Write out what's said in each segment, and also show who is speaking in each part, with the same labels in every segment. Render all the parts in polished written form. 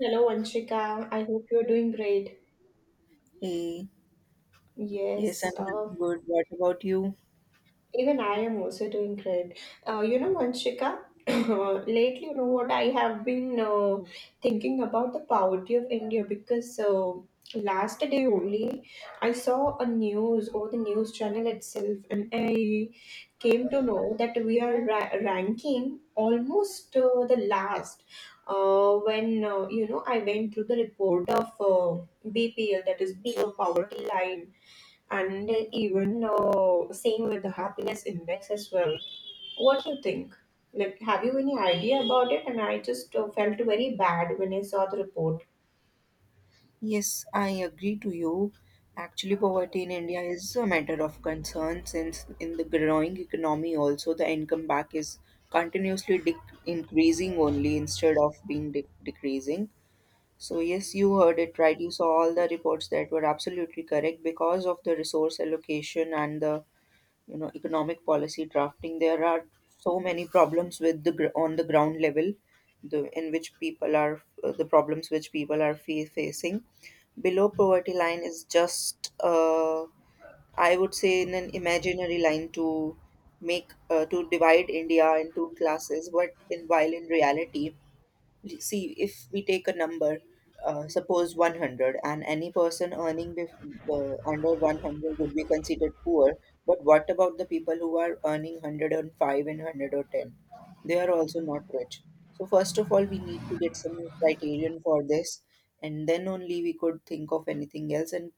Speaker 1: Hello, Vanshika. I hope you're doing great.
Speaker 2: Hey, yes, I'm
Speaker 1: Yes,
Speaker 2: doing
Speaker 1: uh,
Speaker 2: good. What about you?
Speaker 1: Even I am also doing great. Vanshika, lately, you know what, I have been thinking about the poverty of India because last day only I saw a news or the news channel itself, and I came to know that we are ranking almost the last. When you know, I went through the report of BPL, that is below poverty line, and even same with the happiness index as well. What do you think? Like, have you any idea about it? And I just felt very bad when I saw the report.
Speaker 2: Yes, I agree to you. Actually, poverty in India is a matter of concern since in the growing economy also the income back is continuously dec increasing only instead of being decreasing. So yes, you heard it right. You saw all the reports that were absolutely correct because of the resource allocation and the you know economic policy drafting. There are so many problems with the on the ground level, the in which people are the problems which people are facing. Below poverty line is just I would say in an imaginary line to make to divide India into classes, but in while in reality, see, if we take a number, suppose 100, and any person earning under 100 would be considered poor. But what about the people who are earning 105 and 110? They are also not rich. So first of all, we need to get some criterion for this, and then only we could think of anything else. And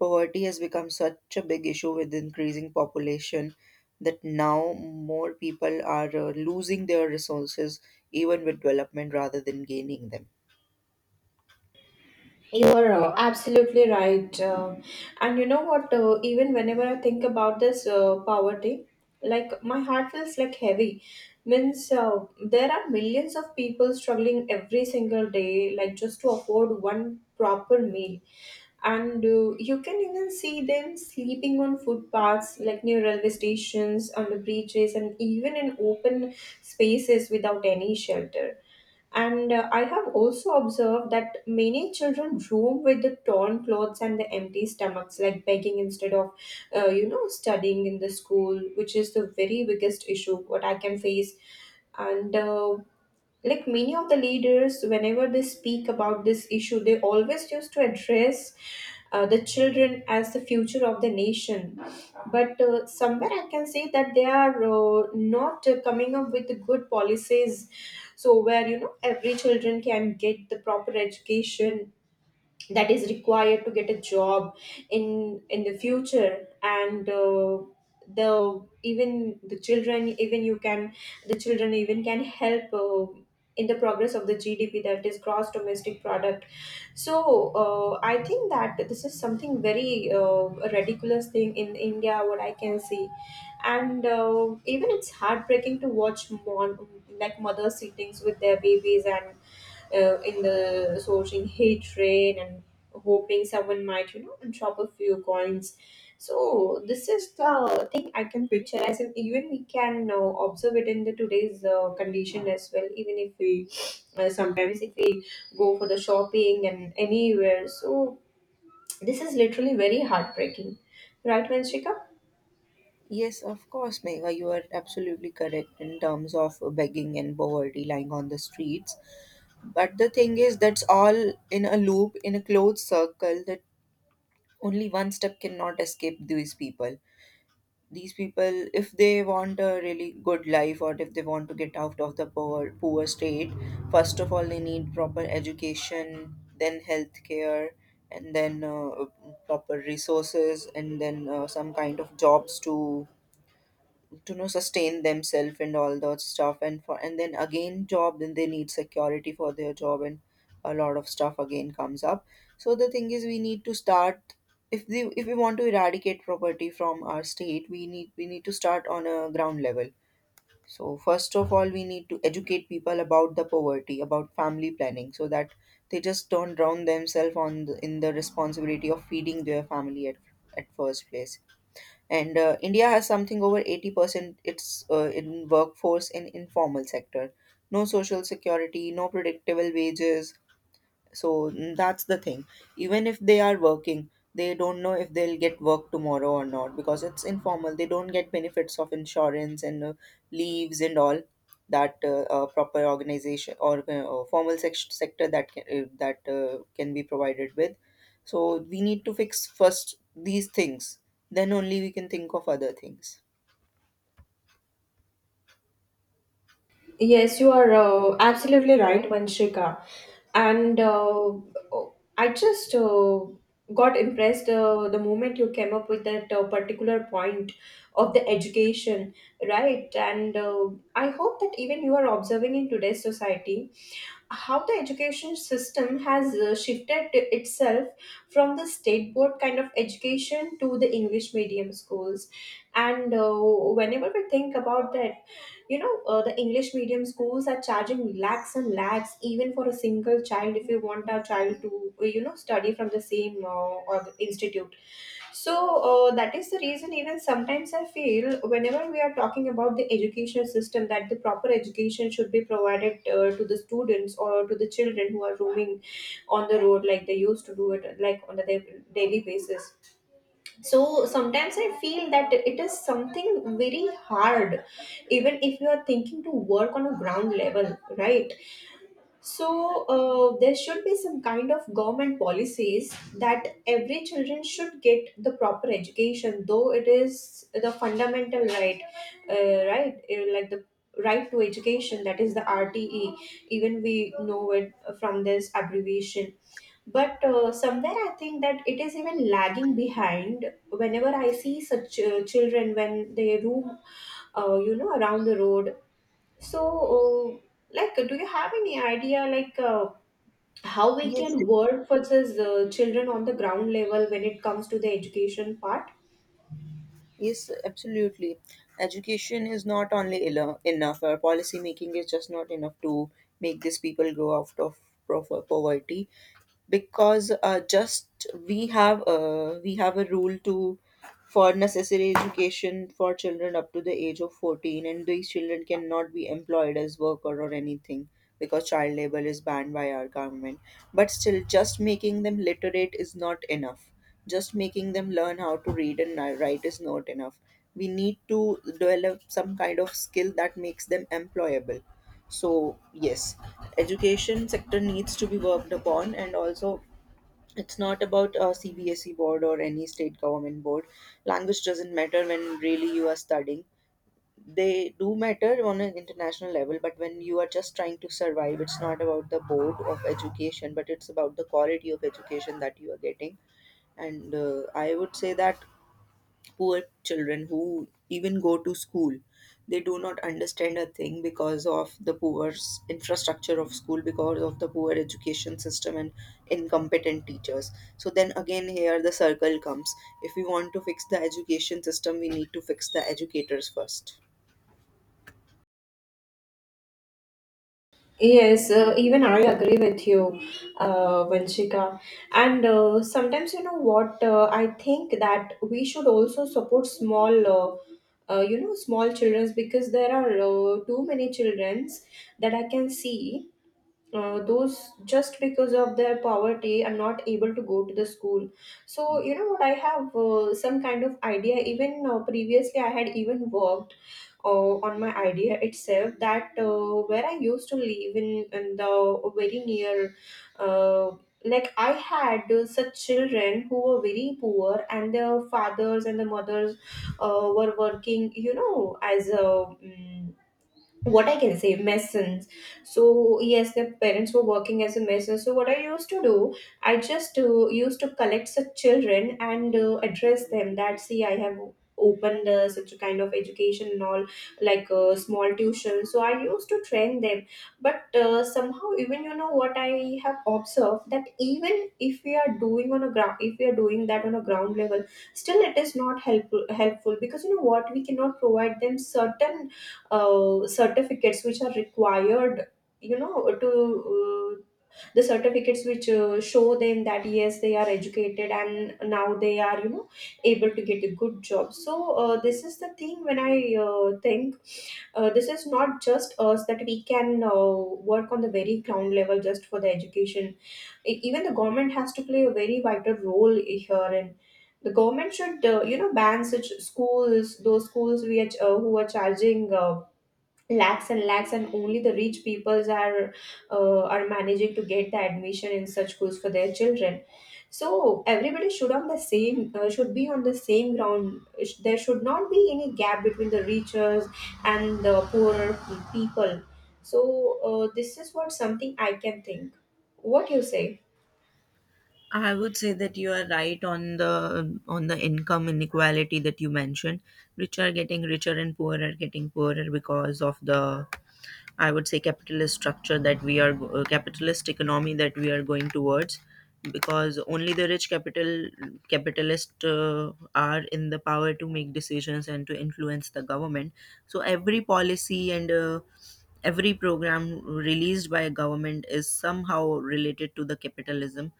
Speaker 2: poverty has become such a big issue with increasing population that now more people are losing their resources even with development rather than gaining them.
Speaker 1: You are absolutely right. And you know what? Even whenever I think about this poverty, like my heart feels like heavy. Means There are millions of people struggling every single day, like just to afford one proper meal. And you can even see them sleeping on footpaths, like near railway stations, on the bridges, and even in open spaces without any shelter. And I have also observed that many children roam with the torn clothes and the empty stomachs, like begging instead of studying in the school, which is the very biggest issue what I can face. And Like, many of the leaders, whenever they speak about this issue, they always used to address the children as the future of the nation. But Somewhere I can say that they are not coming up with the good policies, so where, you know, every children can get the proper education that is required to get a job in the future. And uh, the even the children, even you can, the children even can help in the progress of the GDP, that is gross domestic product. So I think that this is something very ridiculous thing in India what I can see. And Even it's heartbreaking to watch like mothers sittings with their babies and in the sourcing hatred and hoping someone might, you know, drop a few coins. So this is the thing I can picture as in. Even we can observe it in the today's condition as well, even if we sometimes, if we go for the shopping and anywhere. So this is literally very heartbreaking, right, Vanshika?
Speaker 2: Yes, of course, Megha, you are absolutely correct in terms of begging and poverty lying on the streets. But the thing is, that's all in a loop, in a closed circle that only one step cannot escape these people. These people, if they want a really good life or if they want to get out of the poor state, first of all they need proper education, then healthcare, and then proper resources, and then some kind of jobs to know sustain themselves and all that stuff, and for and then again job, then they need security for their job, and a lot of stuff again comes up. So the thing is, we need to start, if the if we want to eradicate poverty from our state, we need to start on a ground level. So first of all, we need to educate people about the poverty, about family planning, so that they just don't drown themselves on the, in the responsibility of feeding their family at first place. And India has something over 80% its in workforce in informal sector. No social security, no predictable wages. So that's the thing. Even if they are working, they don't know if they'll get work tomorrow or not because it's informal. They don't get benefits of insurance and leaves and all that proper organization or formal sector that can be provided with. So we need to fix first these things. Then only we can think of other things.
Speaker 1: Yes, you are absolutely right, Vanshika. And I just got impressed the moment you came up with that particular point of the education, right? And I hope that even you are observing in today's society how the education system has shifted to itself from the state board kind of education to the English medium schools. And Whenever we think about that, you know, the English medium schools are charging lakhs and lakhs, even for a single child. If you want a child to study from the same or institute, so that is the reason, even sometimes I feel, whenever we are talking about the educational system, that the proper education should be provided to the students or to the children who are roaming on the road, like they used to do it, like on the daily basis. So sometimes I feel that it is something very hard, even if you are thinking to work on a ground level, right? So there should be some kind of government policies that every children should get the proper education, though it is the fundamental right, right, like the right to education, that is the RTE. Even we know it from this abbreviation. But Somewhere I think that it is even lagging behind. Whenever I see such children when they roam, around the road, so, uh, like, do you have any idea, how we
Speaker 2: Yes,
Speaker 1: can work versus children on the ground level when it comes to the education part?
Speaker 2: yes, absolutely. Education is not only enough. Our policy making is just not enough to make these people grow out of proper poverty, because just we have a rule to for necessary education for children up to the age of 14, and these children cannot be employed as worker or anything because child labor is banned by our government. But still, just making them literate is not enough. Just making them learn how to read and write is not enough. We need to develop some kind of skill that makes them employable. So yes, education sector needs to be worked upon, and also it's not about a CBSE board or any state government board. Language doesn't matter when really you are studying. They do matter on an international level, but when you are just trying to survive, it's not about the board of education, but it's about the quality of education that you are getting. And I would say that poor children who even go to school, they do not understand a thing because of the poor infrastructure of school, because of the poor education system and incompetent teachers. So then again, here the circle comes. If we want to fix the education system, we need to fix the educators first.
Speaker 1: Yes, even I agree with you, Vanshika. And Sometimes, you know what, I think that we should also support small, small childrens, because there are too many childrens that I can see those just because of their poverty are not able to go to the school. So you know what, I have some kind of idea. Even Previously I had even worked on my idea itself, that where I used to live in the very near uh, like I had such children who were very poor, and their fathers and the mothers were working, you know, as a what I can say, masons. So yes, their parents were working as a mason. So what I used to do, I just used to collect such children and address them that, see, I have opened such a kind of education and all, like small tuition. So I used to train them. But Somehow, even, you know what, I have observed that even if we are doing that on a ground level, still it is not helpful because, you know what, we cannot provide them certain certificates which are required, you know, to uh, the certificates which show them that yes, they are educated and now they are, you know, able to get a good job. So this is the thing, when I think this is not just us that we can work on the very ground level just for the education. Even the government has to play a very vital role here, and the government should, ban such schools, those schools who are charging lakhs and lakhs, and only the rich peoples are managing to get the admission in such schools for their children. So everybody should on the same should be on the same ground. There should not be any gap between the richers and the poorer people. So this is what something I can think. What you say?
Speaker 2: I would say that you are right on the income inequality that you mentioned. Rich are getting richer and poor are getting poorer because of the, I would say, capitalist structure that we are capitalist economy that we are going towards, because only the rich capitalists are in the power to make decisions and to influence the government. So every policy and every program released by a government is somehow related to the capitalism.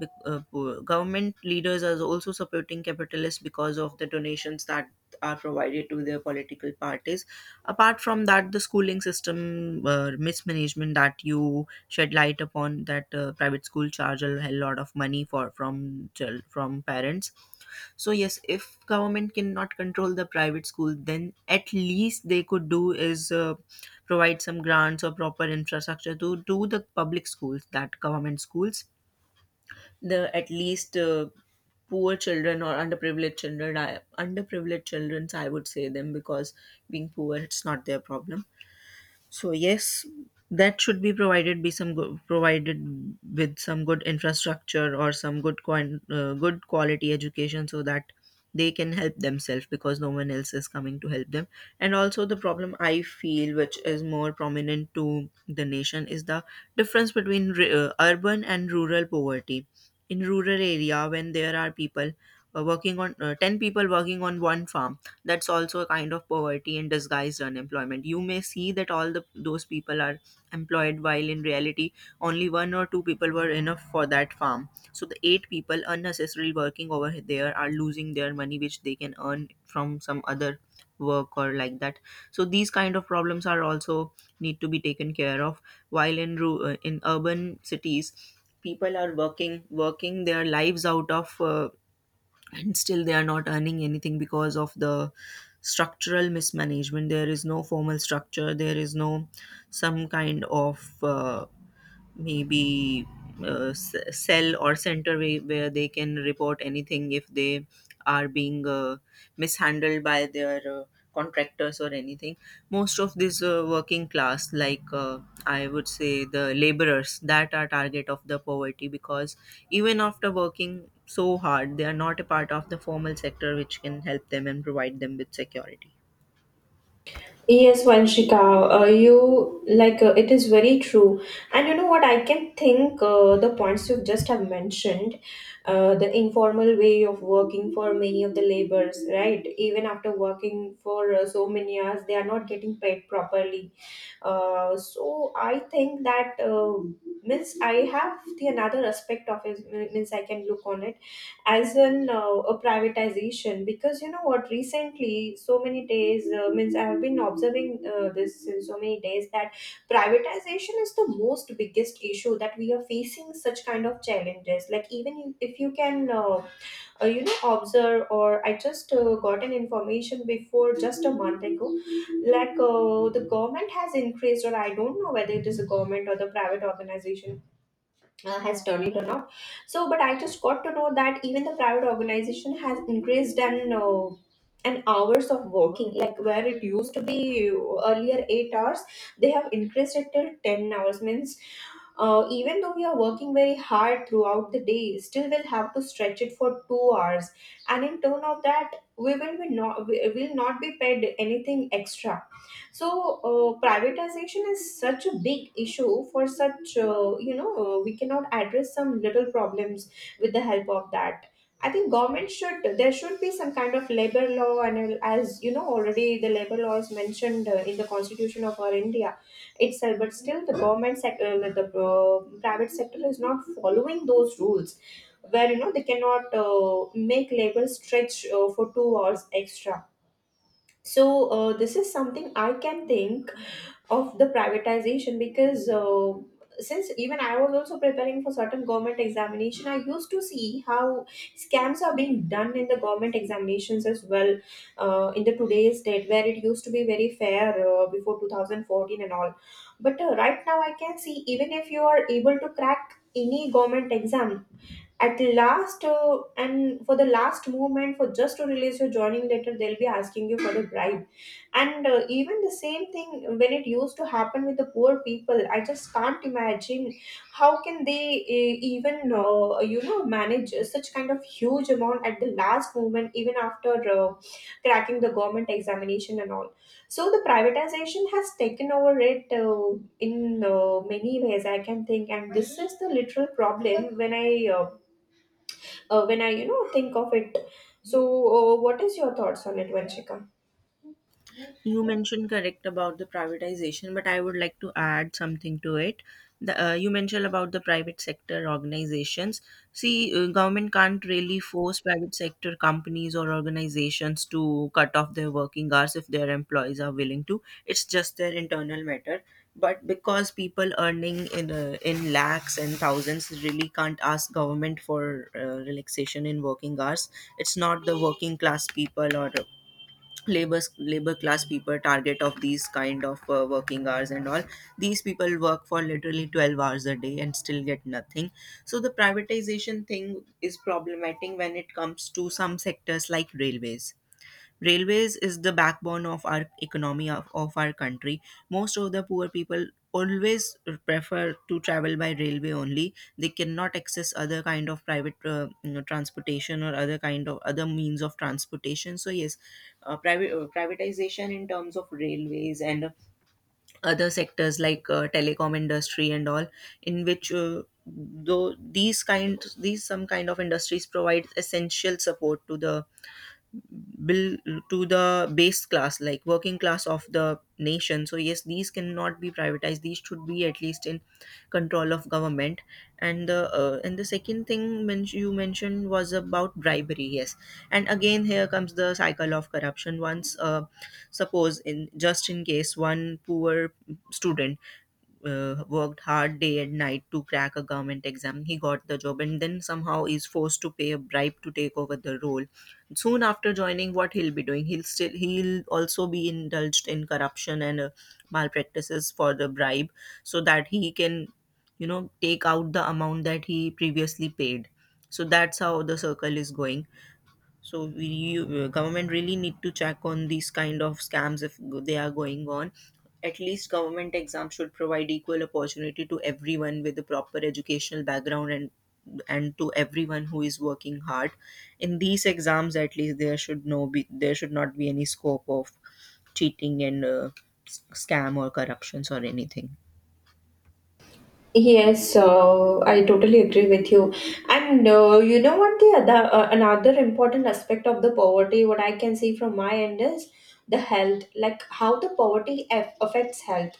Speaker 2: Government leaders are also supporting capitalists because of the donations that are provided to their political parties. Apart from that, the schooling system mismanagement that you shed light upon, that private school charge a hell lot of money for from from parents. So yes, if government cannot control the private school, then at least they could do is provide some grants or proper infrastructure to do the public schools, that government schools the at least poor children or underprivileged children, underprivileged children I would say them, because being poor, it's not their problem. So yes, that should be provided be provided with some good infrastructure or some good coin, good quality education so that they can help themselves, because no one else is coming to help them. And also the problem I feel, which is more prominent to the nation, is the difference between urban and rural poverty. In rural area, when there are people working on ten people working on one farm, that's also a kind of poverty and disguised unemployment. You may see that all the those people are employed while in reality only one or two people were enough for that farm, so the eight people unnecessarily working over there are losing their money which they can earn from some other work or like that. So these kind of problems are also need to be taken care of. While in in urban cities, people are working their lives out of and still they are not earning anything because of the structural mismanagement. There is no formal structure, there is no some kind of maybe cell or center where they can report anything if they are being mishandled by their contractors or anything. Most of this working class, like I would say the laborers, that are target of the poverty, because even after working so hard they are not a part of the formal sector which can help them and provide them with security.
Speaker 1: Yes, Vanshika, you like it is very true. And you know what? I can think the points you just have mentioned, the informal way of working for many of the laborers, right? Even after working for so many hours, they are not getting paid properly. So I think that means I have the another aspect of it, means I can look on it as an a privatization. Because you know what, recently so many days, means I have been observing this since so many days, that privatization is the most biggest issue that we are facing such kind of challenges. Like, even if you can observe, or I just got an information before just a month ago, like the government has increased, or I don't know whether it is the government or the private organization has done it or not. So but I just got to know that even the private organization has increased and hours of working, like where it used to be earlier 8 hours, they have increased it till 10 hours. Means even though we are working very hard throughout the day, still we'll have to stretch it for 2 hours, and in turn of that, we will not be paid anything extra. So privatization is such a big issue for such we cannot address some little problems with the help of that. I think government should There should be some kind of labor law, and as you know, already the labor law is mentioned in the constitution of our India itself, but still the government sector, like the private sector is not following those rules, where, you know, they cannot make labels stretch for 2 hours extra. So this is something I can think of the privatization. Because since even I was also preparing for certain government examination, I used to see how scams are being done in the government examinations as well, in the today's date, where it used to be very fair before 2014 and all. But right now I can see, even if you are able to crack any government exam, at last and for the last movement, for just to release your joining letter, they'll be asking you for the bribe. And even the same thing when it used to happen with the poor people, I just can't imagine how can they even you know manage such kind of huge amount at the last moment, even after cracking the government examination and all. So the privatization has taken over it in many ways, I can think, and this is the literal problem when uh, I think of it. So, what is your thoughts on it, Vanshika?
Speaker 2: You mentioned correct about the privatization, but I would like to add something to it. The, you mentioned about the private sector organizations. See, government can't really force private sector companies or organizations to cut off their working hours if their employees are willing to. It's just their internal matter. But because people earning in lakhs and thousands really can't ask government for relaxation in working hours, it's not the working class people or labor class people target of these kind of working hours and all. These people work for literally 12 hours a day and still get nothing. So the privatization thing is problematic when it comes to some sectors like railways. Railways is the backbone of our economy, of our country. Most of the poor people always prefer to travel by railway only. They cannot access other kind of private you know, transportation or other kind of other means of transportation. So yes, private privatization in terms of railways and other sectors like telecom industry and all, in which. Though these kind these some kind of industries provide essential support to the bill, to the base class, like working class of the nation. So yes, these cannot be privatized. These should be at least in control of government. And the and the second thing you mentioned was about bribery. Yes, and again here comes the cycle of corruption. Once suppose in just in case one poor student worked hard day and night to crack a government exam. He got the job and then somehow is forced to pay a bribe to take over the role. Soon after joining, what he'll be doing? He'll still he'll also be indulged in corruption and malpractices for the bribe, so that he can, you know, take out the amount that he previously paid. So that's how the circle is going. So government really need to check on these kind of scams if they are going on. At least government exams should provide equal opportunity to everyone with a proper educational background and to everyone who is working hard. In these exams, at least there should not be any scope of cheating and scam or corruptions or anything.
Speaker 1: Yes, I totally agree with you. And you know what, the other another important aspect of the poverty, what I can see from my end, is the health, like how the poverty affects health.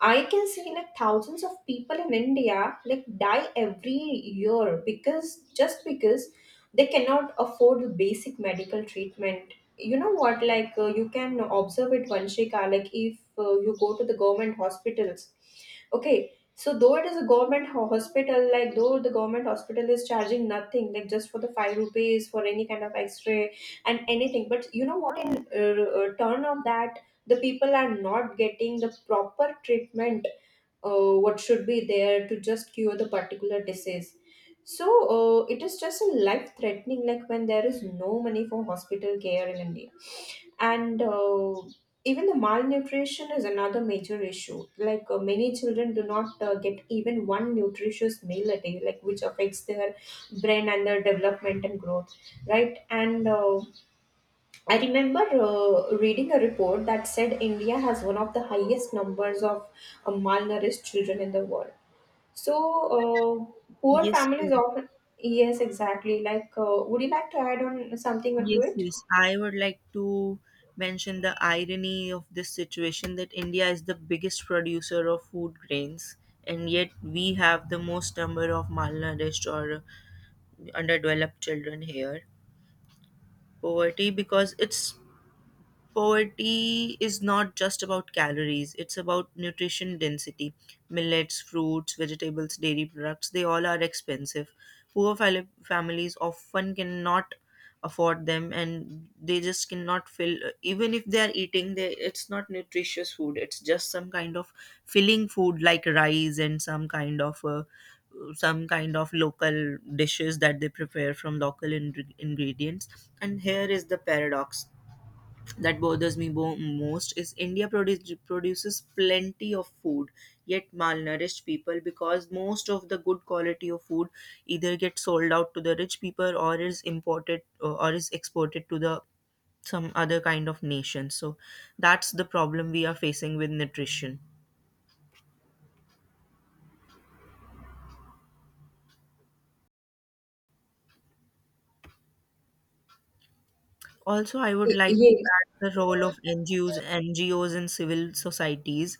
Speaker 1: I can see like thousands of people in India like die every year because, just because, they cannot afford the basic medical treatment. You know what? Like you can observe it, Vanshika. Like if you go to the government hospitals, okay. So though it is a government hospital, like though the government hospital is charging nothing, like just for the five rupees for any kind of X-ray and anything, but you know what? In turn of that, the people are not getting the proper treatment what should be there to just cure the particular disease. So it is just a life threatening, like when there is no money for hospital care in India. And even the malnutrition is another major issue, like many children do not get even one nutritious meal a day, like which affects their brain and their development and growth, right? And I remember reading a report that said India has one of the highest numbers of malnourished children in the world. So, poor
Speaker 2: Yes,
Speaker 1: families often. Yes, exactly. Like, would you like to add on something to
Speaker 2: Yes,
Speaker 1: it?
Speaker 2: yes. I would like to mention the irony of this situation that India is the biggest producer of food grains, and yet we have the most number of malnourished or underdeveloped children here. Poverty, because it's Poverty is not just about calories, it's about nutrition density. Millets, fruits, vegetables, dairy products, they all are expensive. Families often cannot afford them, and they just cannot fill. Even if they are eating, they it's not nutritious food, it's just some kind of filling food like rice and some kind of local dishes that they prepare from local ingredients. And here is the paradox that bothers me most is produces plenty of food, yet malnourished people, because most of the good quality of food either gets sold out to the rich people or is exported to the some other kind of nation. So that's the problem we are facing with nutrition. Also, I would like to
Speaker 1: Yeah.
Speaker 2: add the role of NGOs, NGOs and civil societies.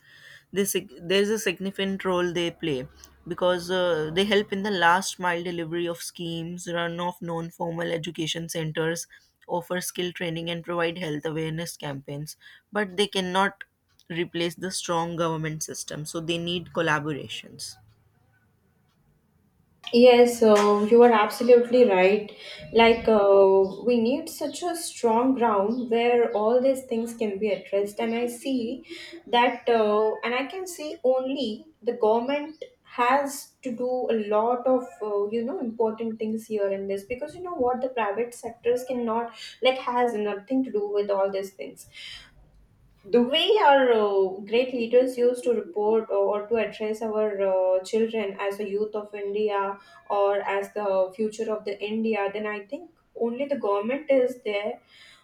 Speaker 2: This There is a significant role they play because they help in the last mile delivery of schemes, run of non-formal education centers, offer skill training, and provide health awareness campaigns. But they cannot replace the strong government system, so they need collaborations.
Speaker 1: Yes, you are absolutely right. Like, we need such a strong ground where all these things can be addressed. And I see that, and I can see only the government has to do a lot of, important things here in this, because you know what, the private sectors cannot, like, has nothing to do with all these things. The way our great leaders used to report or to address our children as the youth of India or as the future of the India, then I think only the government is there.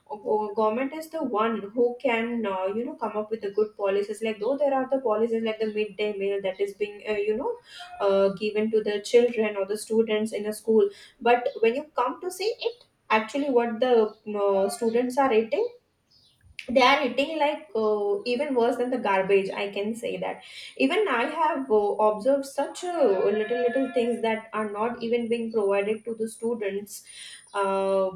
Speaker 1: Or government is the one who can come up with the good policies. Like though there are the policies like the midday meal that is being given to the children or the students in a school, but when you come to see it, actually what the students are eating, they are eating like even worse than the garbage, I can say that. Even I have observed such little little things that are not even being provided to the students uh,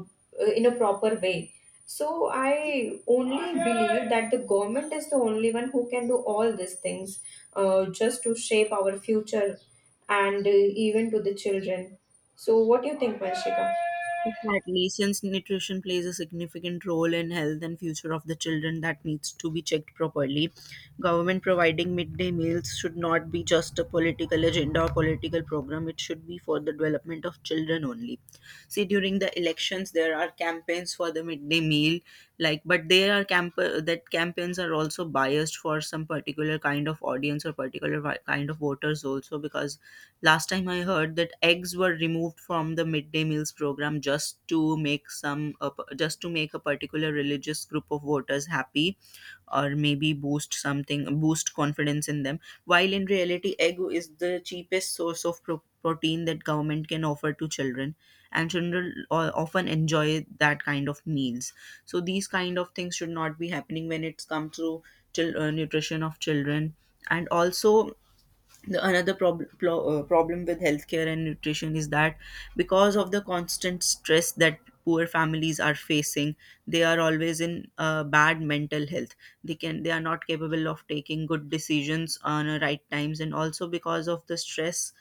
Speaker 1: in a proper way. So I only believe that the government is the only one who can do all these things just to shape our future and even to the children. So what do you think, Vanshika?
Speaker 2: Exactly, since nutrition plays a significant role in health and future of the children, that needs to be checked properly. Government providing midday meals should not be just a political agenda or political program. It should be for the development of children only. See, during the elections, there are campaigns for the midday meal, like, but there are camp that campaigns are also biased for some particular kind of audience or particular kind of voters also. Because last time I heard that eggs were removed from the midday meals program just to make some just to make a particular religious group of voters happy, or maybe boost confidence in them, while in reality egg is the cheapest source of protein that government can offer to children, and children often enjoy that kind of meals. So these kind of things should not be happening when it's come to nutrition of children. And also, the another problem with healthcare and nutrition is that because of the constant stress that poor families are facing, they are always in bad mental health. They are not capable of taking good decisions on a right times, and also because of the stress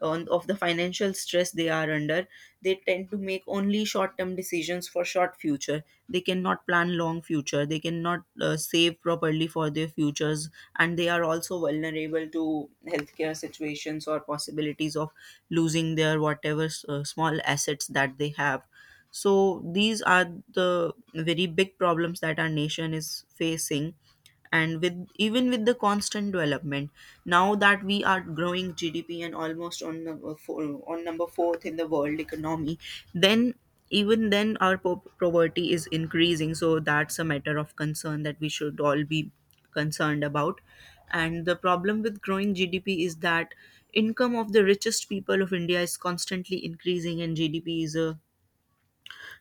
Speaker 2: on, of the financial stress they are under, they tend to make only short term decisions for short future. They cannot plan long future, they cannot save properly for their futures, and they are also vulnerable to healthcare situations or possibilities of losing their whatever small assets that they have. So these are the very big problems that our nation is facing. And with even with the constant development now that we are growing GDP and almost on number four, on number 4th in the world economy, then even then our poverty is increasing. So that's a matter of concern that we should all be concerned about. And the problem with growing GDP is that income of the richest people of India is constantly increasing, and GDP is a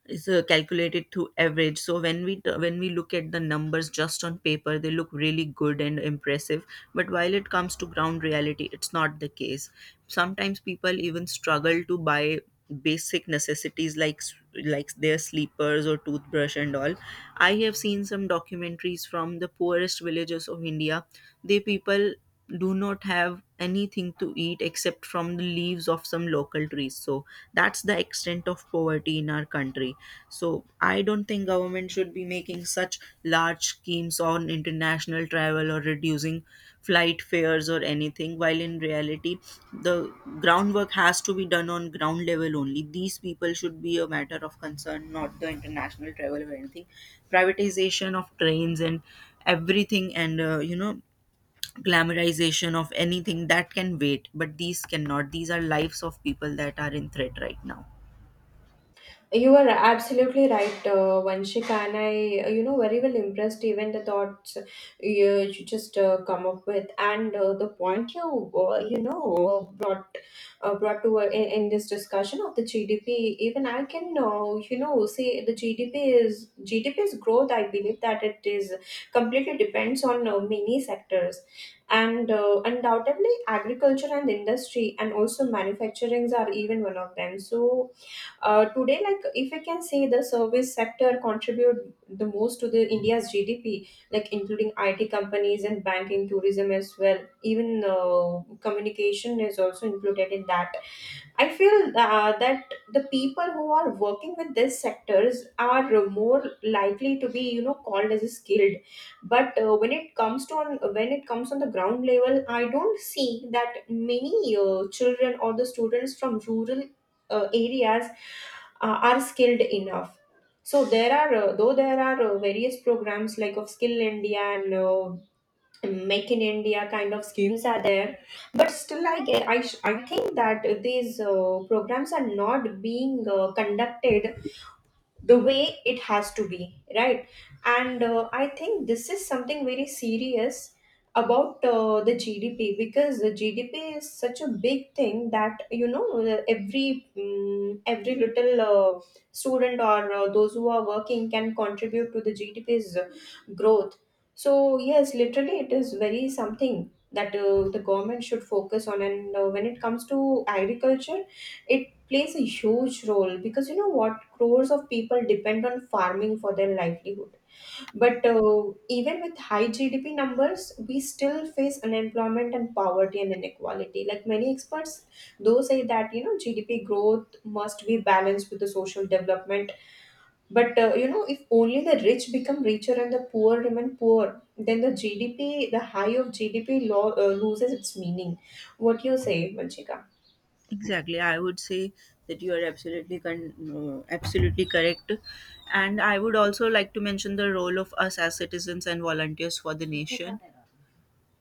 Speaker 2: is uh, calculated through average. So when we look at the numbers just on paper, they look really good and impressive, but while it comes to ground reality, it's not the case. Sometimes people even struggle to buy basic necessities like like their sleepers or toothbrush and all. I have seen some documentaries from the poorest villages of India. They People do not have anything to eat except from the leaves of some local trees. So that's the extent of poverty in our country. So I don't think government should be making such large schemes on international travel or reducing flight fares or anything, while in reality the groundwork has to be done on ground level only. These people should be a matter of concern, not the international travel or anything, privatization of trains and everything, and you know, glamorization of anything. That can wait, but these cannot. These are lives of people that are in threat right now.
Speaker 1: You are absolutely right, Vanshika, and I very well impressed, even the thoughts you just come up with, and the point you, you know, brought brought to in this discussion of the GDP. Even I can, say the GDP is GDP's growth. I believe that it is completely depends on many sectors, and undoubtedly agriculture and industry, and also manufacturings are even one of them. So today, like if I can say, the service sector contribute the most to the India's GDP, like including IT companies and banking, tourism as well. Even communication is also included in that. I feel that the people who are working with these sectors are more likely to be, you know, called as skilled. But when it comes to on, when it comes on the ground level, I don't see that many children or the students from rural areas are skilled enough. So there are though there are various programs like of Skill India and make in India kind of schemes are there, but still I get I, sh- I think that these programs are not being conducted the way it has to be, right? And I think this is something very serious about the GDP, because the GDP is such a big thing that, you know, every mm every little student or those who are working can contribute to the GDP's growth. So yes, literally it is very something that the government should focus on. And when it comes to agriculture, it plays a huge role, because you know what, crores of people depend on farming for their livelihood. But even with high GDP numbers, we still face unemployment and poverty and inequality. Like many experts, those say that, you know, GDP growth must be balanced with the social development. But you know, if only the rich become richer and the poor remain poor, then the GDP, the high of GDP loses its meaning. What do you say, Manchika?
Speaker 2: Exactly. I would say that you are absolutely correct. And I would also like to mention the role of us as citizens and volunteers for the nation,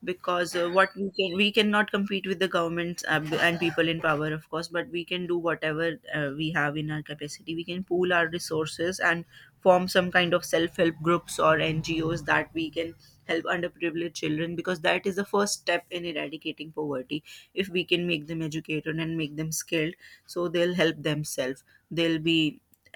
Speaker 2: because what we can we cannot compete with the governments and people in power of course, but we can do whatever we have in our capacity. We can pool our resources and form some kind of self-help groups or NGOs that we can help underprivileged children, because that is the first step in eradicating poverty. If we can make them educated and make them skilled, so they'll help themselves, they'll be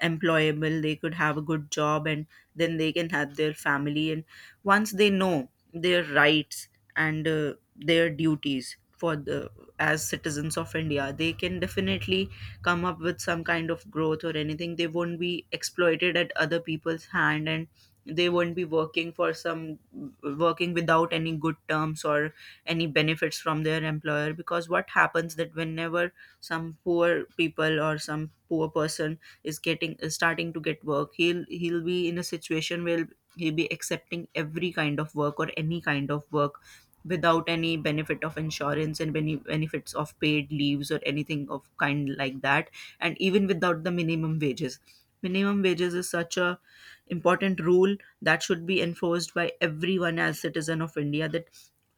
Speaker 2: employable, they could have a good job, and then they can have their family. And once they know their rights and their duties for the as citizens of India, they can definitely come up with some kind of growth or anything. They won't be exploited at other people's hand, and they won't be working for some working without any good terms or any benefits from their employer. Because what happens, that whenever some poor person is starting to get work, he'll be in a situation where he'll be accepting every kind of work or any kind of work without any benefit of insurance and any benefits of paid leaves or anything of kind like that, and even without the minimum wages. Minimum wages is such a important rule that should be enforced by everyone as citizen of India, that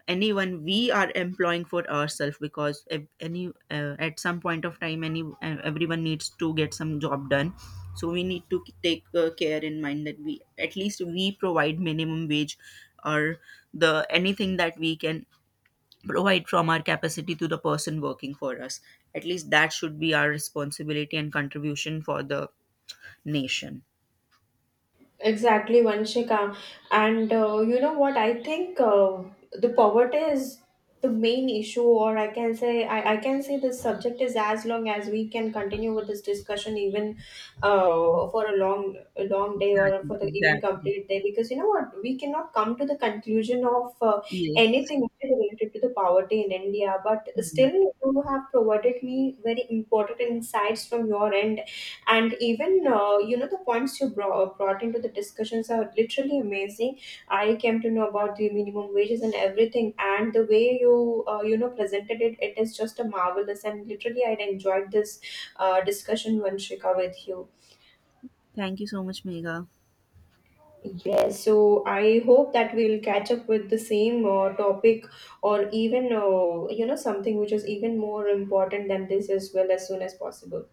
Speaker 2: anyone we are employing for ourselves. Because if any at some point of time any everyone needs to get some job done, so we need to take care in mind that we at least we provide minimum wage or the anything that we can provide from our capacity to the person working for us. At least that should be our responsibility and contribution for the nation.
Speaker 1: Exactly, Vanshika. And you know what? I think the poverty is the main issue, or I can say, I can say this subject is as long as we can continue with this discussion, even for a long day or
Speaker 2: exactly
Speaker 1: for the even
Speaker 2: exactly
Speaker 1: complete day, because you know what? We cannot come to the conclusion of
Speaker 2: Yes.
Speaker 1: anything which is related to the poverty in India. But
Speaker 2: Mhm.
Speaker 1: still, you have provided me very important insights from your end, and even you know, the points you brought into the discussions are literally amazing. I came to know about the minimum wages and everything, and the way you you know presented it, it is just a marvelous, and literally I enjoyed this discussion, Vanshika, with you.
Speaker 2: Thank you so much, Mega.
Speaker 1: Yes, so I hope that we'll catch up with the same topic, or even, something which is even more important than this as well, as soon as possible.